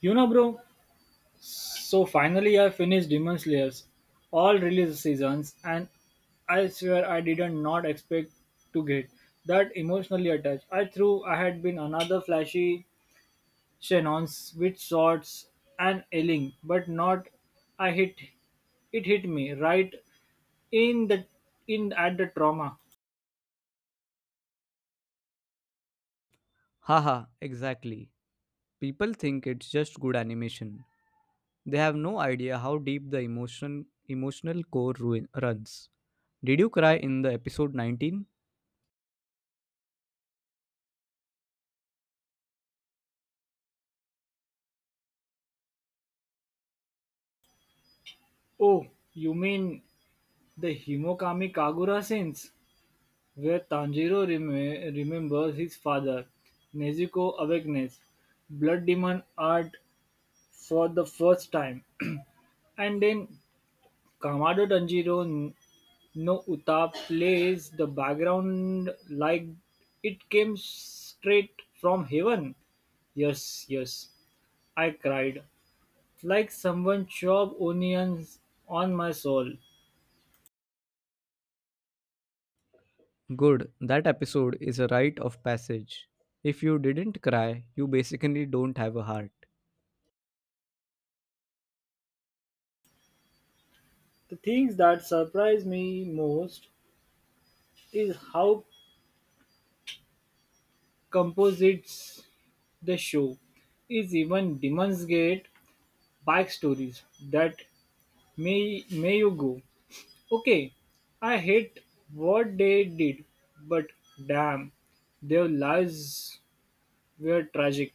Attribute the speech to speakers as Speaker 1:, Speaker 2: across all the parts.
Speaker 1: You know, bro, so finally I finished Demon Slayers, all release seasons, and I swear I did not not expect to get that emotionally attached. I had been another flashy Shannons with swords and yelling, but not I hit it hit me right in the in at the trauma.
Speaker 2: Haha, exactly. People think it's just good animation. They have no idea how deep the emotional core runs. Did you cry in the episode 19?
Speaker 1: Oh, you mean the Himokami Kagura scenes? Where Tanjiro remembers his father, Nezuko awakens Blood Demon Art for the first time, and then Kamado Tanjiro no Uta plays the background like it came straight from heaven. Yes, yes, I cried, like someone chopped onions on my soul.
Speaker 2: Good, that episode is a rite of passage. If you didn't cry, you basically don't have a heart.
Speaker 1: The things that surprise me most is how composites the show is even demonstrate backstories that may you go, okay, I hate what they did, but damn, their lives were tragic.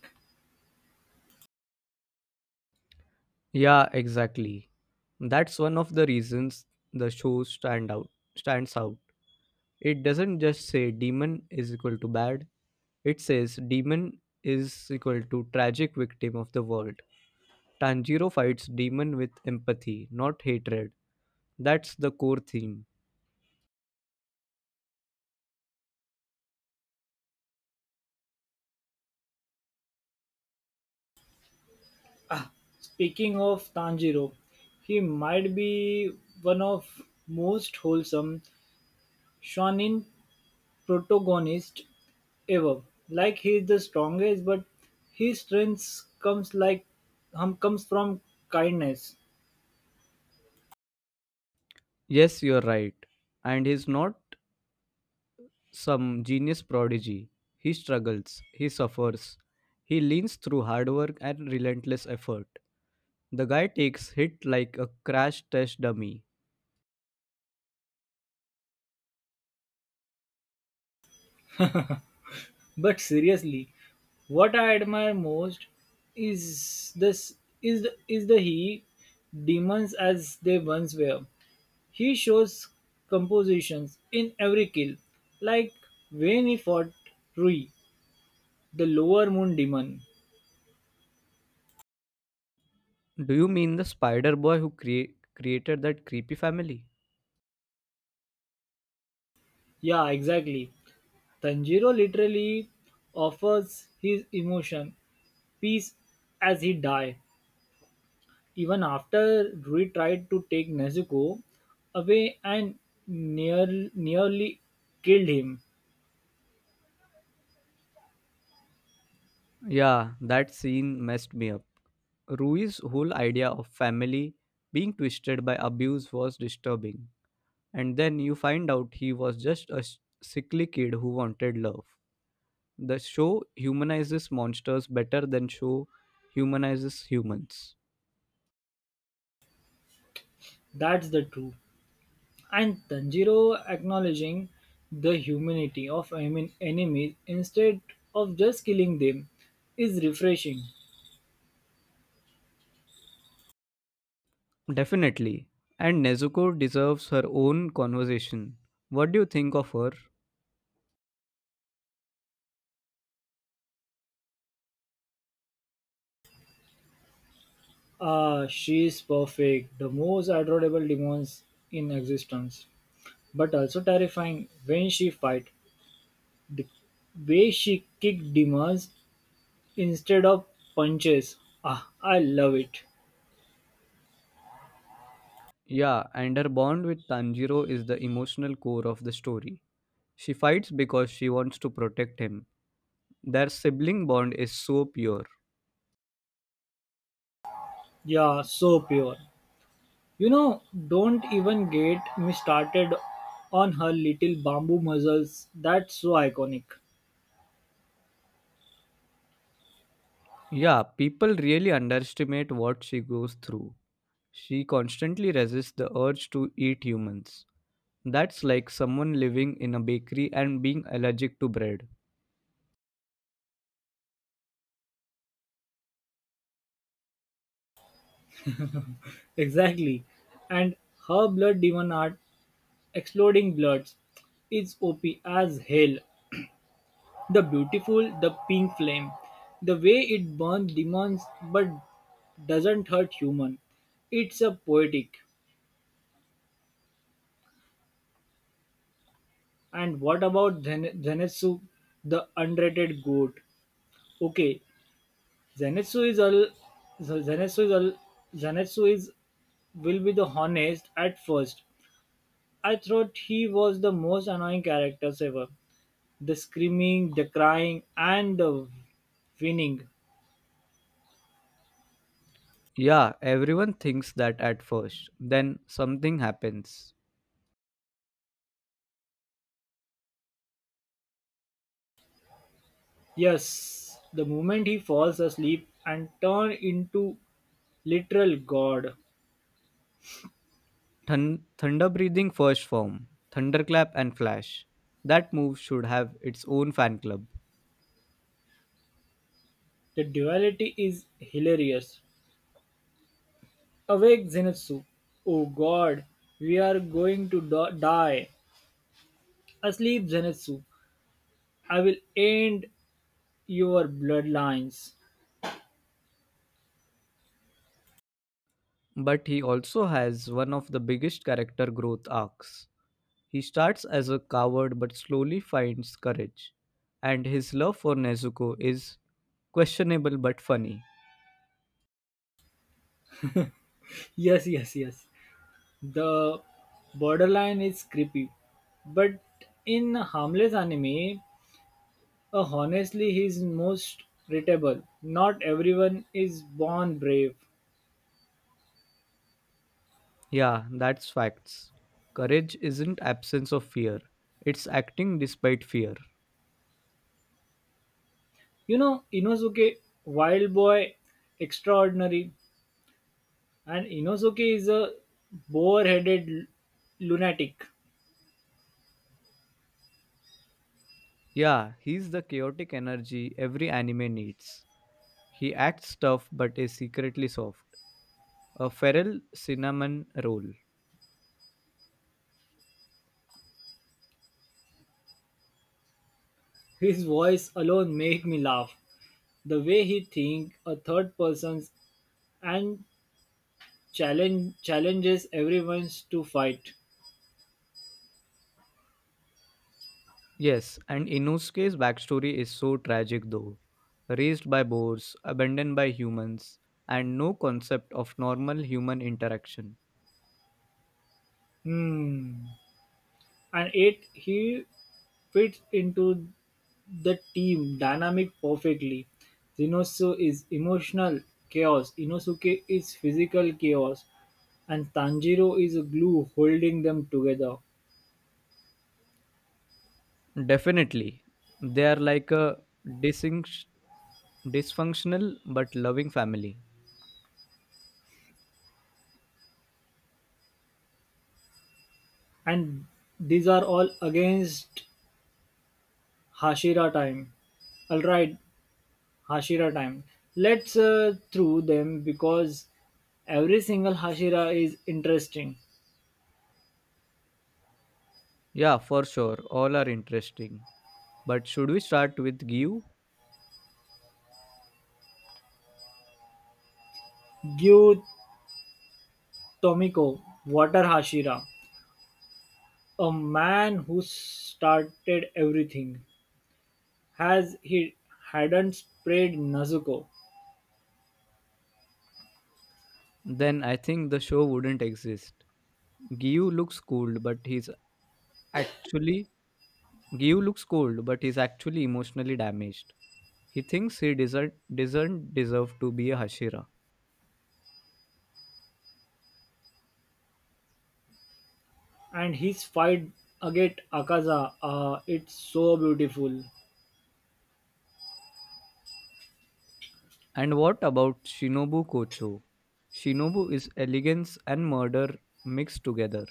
Speaker 2: Yeah, exactly. That's one of the reasons the show stands out. It doesn't just say demon is equal to bad. It says demon is equal to tragic victim of the world. Tanjiro fights demon with empathy, not hatred. That's the core theme.
Speaker 1: Ah, Speaking of Tanjiro, he might be one of most wholesome shonen protagonist ever. Like he is the strongest, but his strength comes like comes from kindness.
Speaker 2: Yes, you're right. And he's not some genius prodigy. He struggles, he suffers, he leans through hard work and relentless effort. The guy takes hit like a crash test dummy.
Speaker 1: But seriously, what I admire most is this is the he demons as they once were. He shows compositions in every kill, like when he fought Rui, the lower moon demon.
Speaker 2: Do you mean the spider boy who created that creepy family?
Speaker 1: Yeah, exactly. Tanjiro literally offers his emotion, peace as he die. Even after Rui tried to take Nezuko away and near, nearly killed him,
Speaker 2: Yeah, that scene messed me up. Rui's whole idea of family being twisted by abuse was disturbing. And then you find out he was just a sickly kid who wanted love. The show humanizes monsters better than show humanizes humans.
Speaker 1: that's the truth. And Tanjiro acknowledging the humanity of enemies instead of just killing them is refreshing.
Speaker 2: Definitely. And Nezuko deserves her own conversation. What do you think of her?
Speaker 1: She is perfect, the most adorable demons in existence, but also terrifying when she fight. The way she kicked demons instead of punches. Ah, I love it.
Speaker 2: Yeah, and her bond with Tanjiro is the emotional core of the story. She fights because she wants to protect him. Their sibling bond is so pure.
Speaker 1: Yeah, so pure. You know, don't even get me started on her little bamboo muzzles. That's so iconic.
Speaker 2: Yeah, people really underestimate what she goes through. She constantly resists the urge to eat humans. That's like someone living in a bakery and being allergic to bread.
Speaker 1: Exactly. And her blood demon art, exploding bloods, is OP as hell. The beautiful, the pink flame, the way it burns demons but doesn't hurt human. It's a poetic. And what about Zenitsu, the underrated goat? Okay, Zenitsu is all. Zenitsu is all. Zenitsu is will be the honest at first. I thought he was the most annoying characters ever. The screaming, the crying, and the winning.
Speaker 2: Yeah, everyone thinks that at first. Then something happens.
Speaker 1: Yes, the moment he falls asleep and turn into literal god.
Speaker 2: Thunder breathing first form, thunderclap and flash. That move should have its own fan club.
Speaker 1: The duality is hilarious. Awake, Zenitsu! Oh god, we are going to die! Asleep, Zenitsu! I will end your bloodlines.
Speaker 2: But he also has one of the biggest character growth arcs. He starts as a coward but slowly finds courage. And his love for Nezuko is questionable but funny.
Speaker 1: Yes, yes, yes. The borderline is creepy, but in harmless anime, honestly, he's most relatable. Not everyone is born brave.
Speaker 2: Yeah, that's facts. Courage isn't absence of fear, it's acting despite fear.
Speaker 1: You know, Inosuke, wild boy, extraordinary, and Inosuke is a boar-headed lunatic.
Speaker 2: Yeah, he's the chaotic energy every anime needs. He acts tough but is secretly soft. A feral cinnamon roll.
Speaker 1: His voice alone made me laugh. The way he think a third persons and challenges everyone to fight.
Speaker 2: Yes, and Inosuke's backstory is so tragic though. Raised by boars, abandoned by humans, and no concept of normal human interaction.
Speaker 1: Hmm. And it he fits into the team dynamic perfectly. Zenosu is emotional chaos. Inosuke is physical chaos and Tanjiro is a glue holding them together.
Speaker 2: Definitely, they are like a disync- dysfunctional but loving family.
Speaker 1: And these are all against Hashira time. Alright, Hashira time. Let's through them because every single Hashira is interesting.
Speaker 2: Yeah, for sure, all are interesting. But should we start with Gyu?
Speaker 1: Gyu Tomiko, Water Hashira, a man who started everything, has he hadn't sprayed Nezuko,
Speaker 2: Then I think the show wouldn't exist. Gyu looks cold, but he's actually Gyu looks cold, but he's actually emotionally damaged. He thinks he doesn't deserve to be a Hashira.
Speaker 1: and his fight against Akaza, it's so beautiful.
Speaker 2: And what about Shinobu Kocho? Shinobu is elegance and murder mixed together.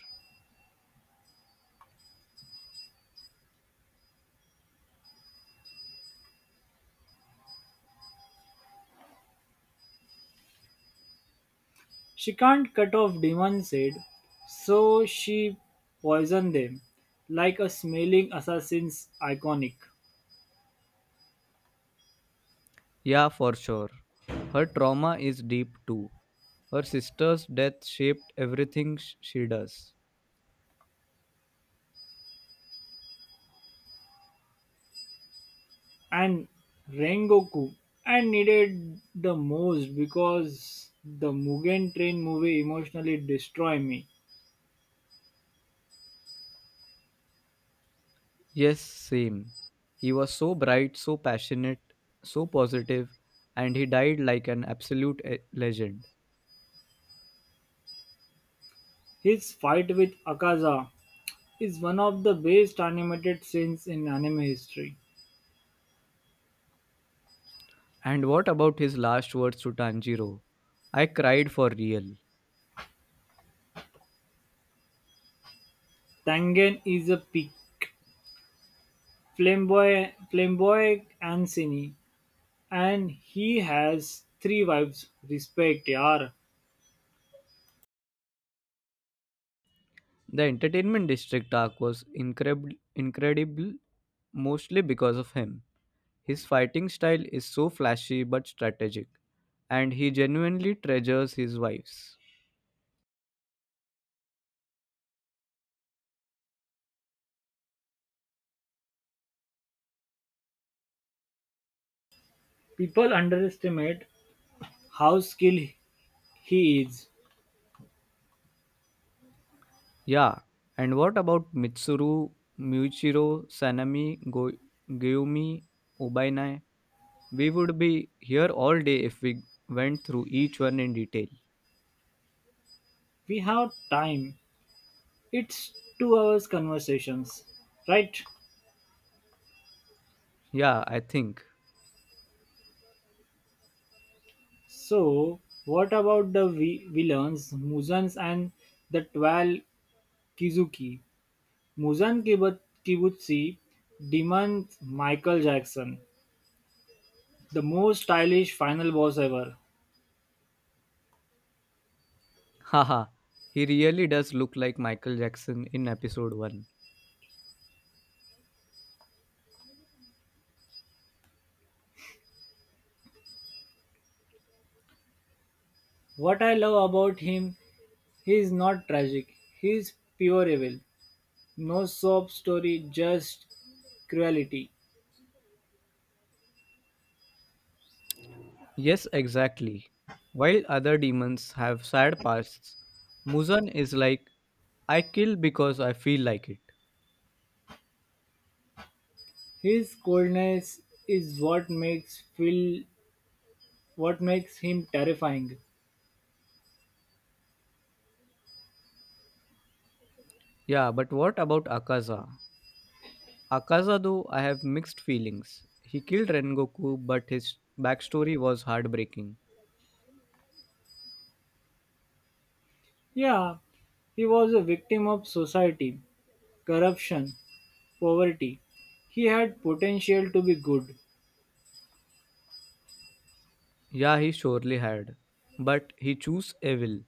Speaker 1: She can't cut off demon said, so she poisoned them, like a smelling assassin's iconic.
Speaker 2: Yeah, for sure. Her trauma is deep too. Her sister's death shaped everything she does.
Speaker 1: And Rengoku. I needed the most because the Mugen Train movie emotionally destroyed me.
Speaker 2: Yes, same. He was so bright, so passionate, so positive, and he died like an absolute legend.
Speaker 1: His fight with Akaza is one of the best animated scenes in anime history.
Speaker 2: And what about his last words to Tanjiro? I cried for real.
Speaker 1: Tangen is a peak, flamboyant and cine, and he has three wives. Respect, yaar.
Speaker 2: The entertainment district arc was incredible, mostly because of him. His fighting style is so flashy but strategic, and he genuinely treasures his wives.
Speaker 1: People underestimate how skilled he is.
Speaker 2: Yeah, and what about Mitsuru, Muichiro, Sanami, Gyumi, Ubainai? We would be here all day if we went through each one in detail.
Speaker 1: We have time. It's 2-hour conversations, right?
Speaker 2: Yeah, I think.
Speaker 1: So what about the villains, Muzans and the 12 Kizuki? Kibutsi demands Michael Jackson, the most stylish final boss ever.
Speaker 2: Haha, he really does look like Michael Jackson in episode 1.
Speaker 1: What I love about him, he is not tragic. He is pure evil. No sob story, just cruelty.
Speaker 2: Yes, exactly. While other demons have sad pasts, Muzan is like, I kill because I feel like it.
Speaker 1: His coldness is what makes Phil What makes him terrifying?
Speaker 2: Yeah, but what about Akaza? Akaza, I have mixed feelings. He killed Rengoku, but his backstory was heartbreaking.
Speaker 1: Yeah, he was a victim of society, corruption, poverty. He had potential to be good.
Speaker 2: Yeah, he surely had. But he chose evil.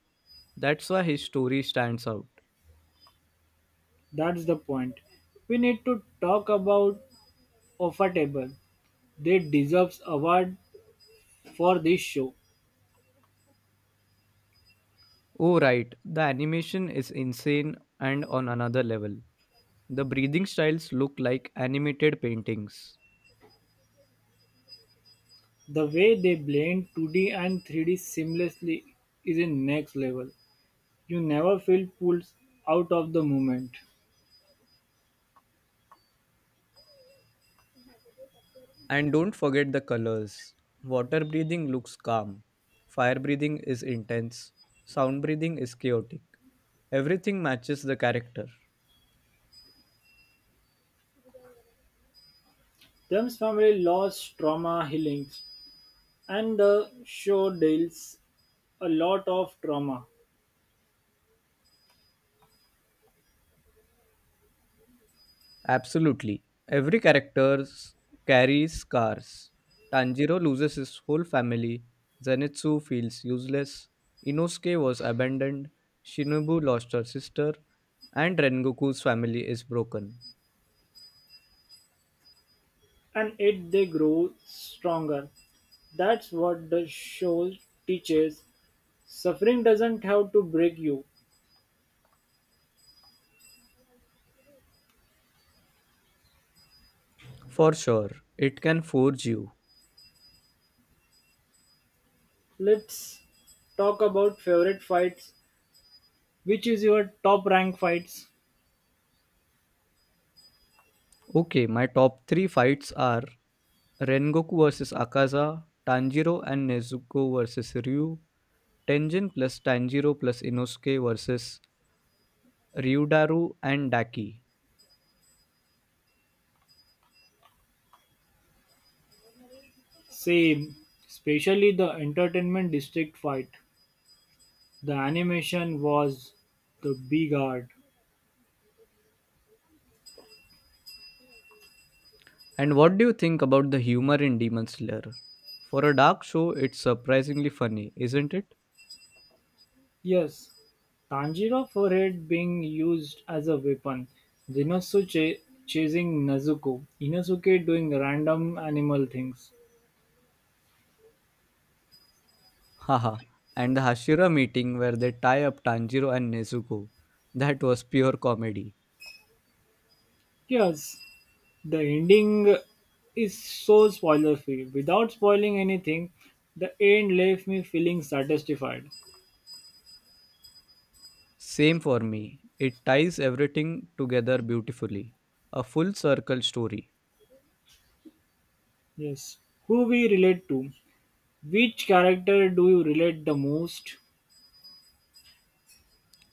Speaker 2: That's why his story stands out.
Speaker 1: That's the point. We need to talk about Offa Table. They deserves award for this show.
Speaker 2: Oh, right, the animation is insane and on another level. The breathing styles look like animated paintings.
Speaker 1: The way they blend 2D and 3D seamlessly is in next level. You never feel pulled out of the moment.
Speaker 2: And don't forget the colors. Water breathing looks calm, fire breathing is intense, sound breathing is chaotic. Everything matches the character.
Speaker 1: Them's family lost trauma healings and the show deals a lot of trauma,
Speaker 2: Absolutely. Every character carries scars. Tanjiro loses his whole family. Zenitsu feels useless. Inosuke was abandoned. Shinobu lost her sister. And Rengoku's family is broken.
Speaker 1: and it they grow stronger. That's what the show teaches. Suffering doesn't have to break you.
Speaker 2: For sure, it can forge you.
Speaker 1: Let's talk about favorite fights. Which is your top rank fights?
Speaker 2: Okay, my top 3 fights are Rengoku versus Akaza, Tanjiro and Nezuko versus Ryu, Tenjin plus Tanjiro plus Inosuke versus Ryudaru and Daki.
Speaker 1: Same, especially the entertainment district fight. The animation was the big art.
Speaker 2: And what do you think about the humor in Demon Slayer? For a dark show, it's surprisingly funny, isn't it?
Speaker 1: Yes, Tanjiro forehead being used as a weapon, Zenitsu chasing Nezuko, Inosuke doing random animal things.
Speaker 2: Haha. And the Hashira meeting where they tie up Tanjiro and Nezuko. That was pure comedy.
Speaker 1: Yes, the ending is so spoiler free. Without spoiling anything, the end left me feeling satisfied.
Speaker 2: Same for me. It ties everything together beautifully. A full circle story.
Speaker 1: Yes, who we relate to? Which character do you relate the most?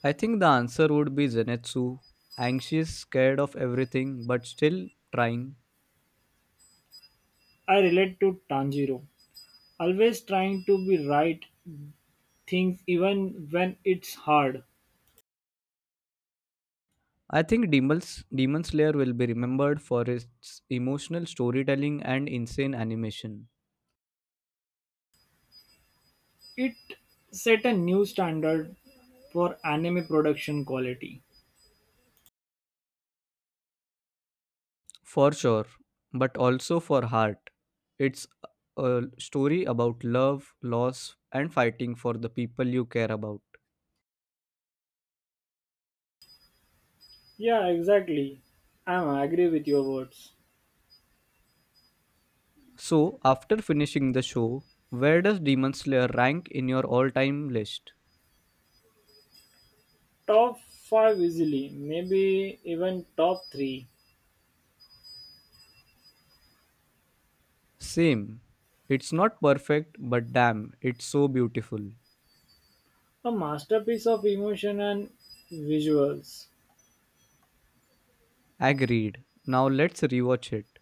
Speaker 2: I think the answer would be Zenitsu. Anxious, scared of everything, but still trying.
Speaker 1: I relate to Tanjiro, always trying to be right things even when it's hard.
Speaker 2: I think Demon Slayer will be remembered for its emotional storytelling and insane animation,
Speaker 1: It set a new standard for anime production quality.
Speaker 2: for sure, but also for heart. It's a story about love, loss, and fighting for the people you care about.
Speaker 1: Yeah, exactly. I agree with your words.
Speaker 2: So, after finishing the show, where does Demon Slayer rank in your all time list?
Speaker 1: Top 5 easily, maybe even top 3.
Speaker 2: Same. It's not perfect, but damn, it's so beautiful.
Speaker 1: A masterpiece of emotion and visuals.
Speaker 2: Agreed. Now let's rewatch it.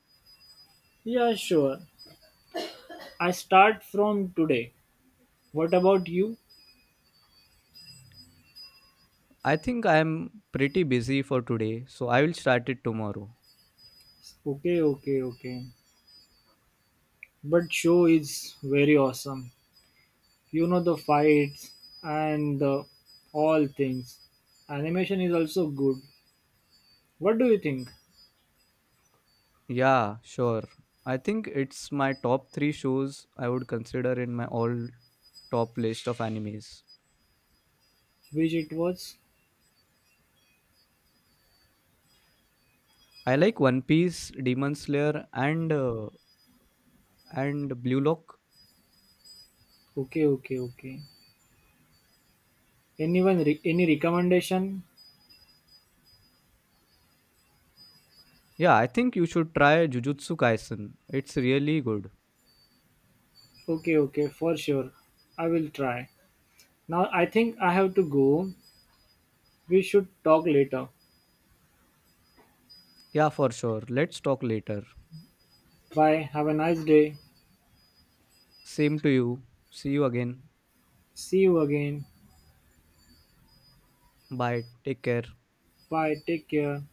Speaker 1: Yeah, sure. I start from today. What about you?
Speaker 2: I think I am pretty busy for today, so I will start it tomorrow.
Speaker 1: Okay, okay, okay. But show is very awesome. You know the fights and the all things. Animation is also good. What do you think?
Speaker 2: Yeah, sure. I think it's my top 3 shows I would consider in my all top list of animes.
Speaker 1: Which it was?
Speaker 2: I like One Piece, Demon Slayer and Blue Lock.
Speaker 1: Okay, okay, okay. Anyone any recommendation?
Speaker 2: Yeah, I think you should try Jujutsu Kaisen. It's really good.
Speaker 1: Okay, okay, for sure. I will try. Now I think I have to go. We should talk later.
Speaker 2: Yeah, for sure. Let's talk later.
Speaker 1: Bye. Have a nice day.
Speaker 2: Same to you. See you again.
Speaker 1: See you again.
Speaker 2: Bye. Take care.
Speaker 1: Bye. Take care.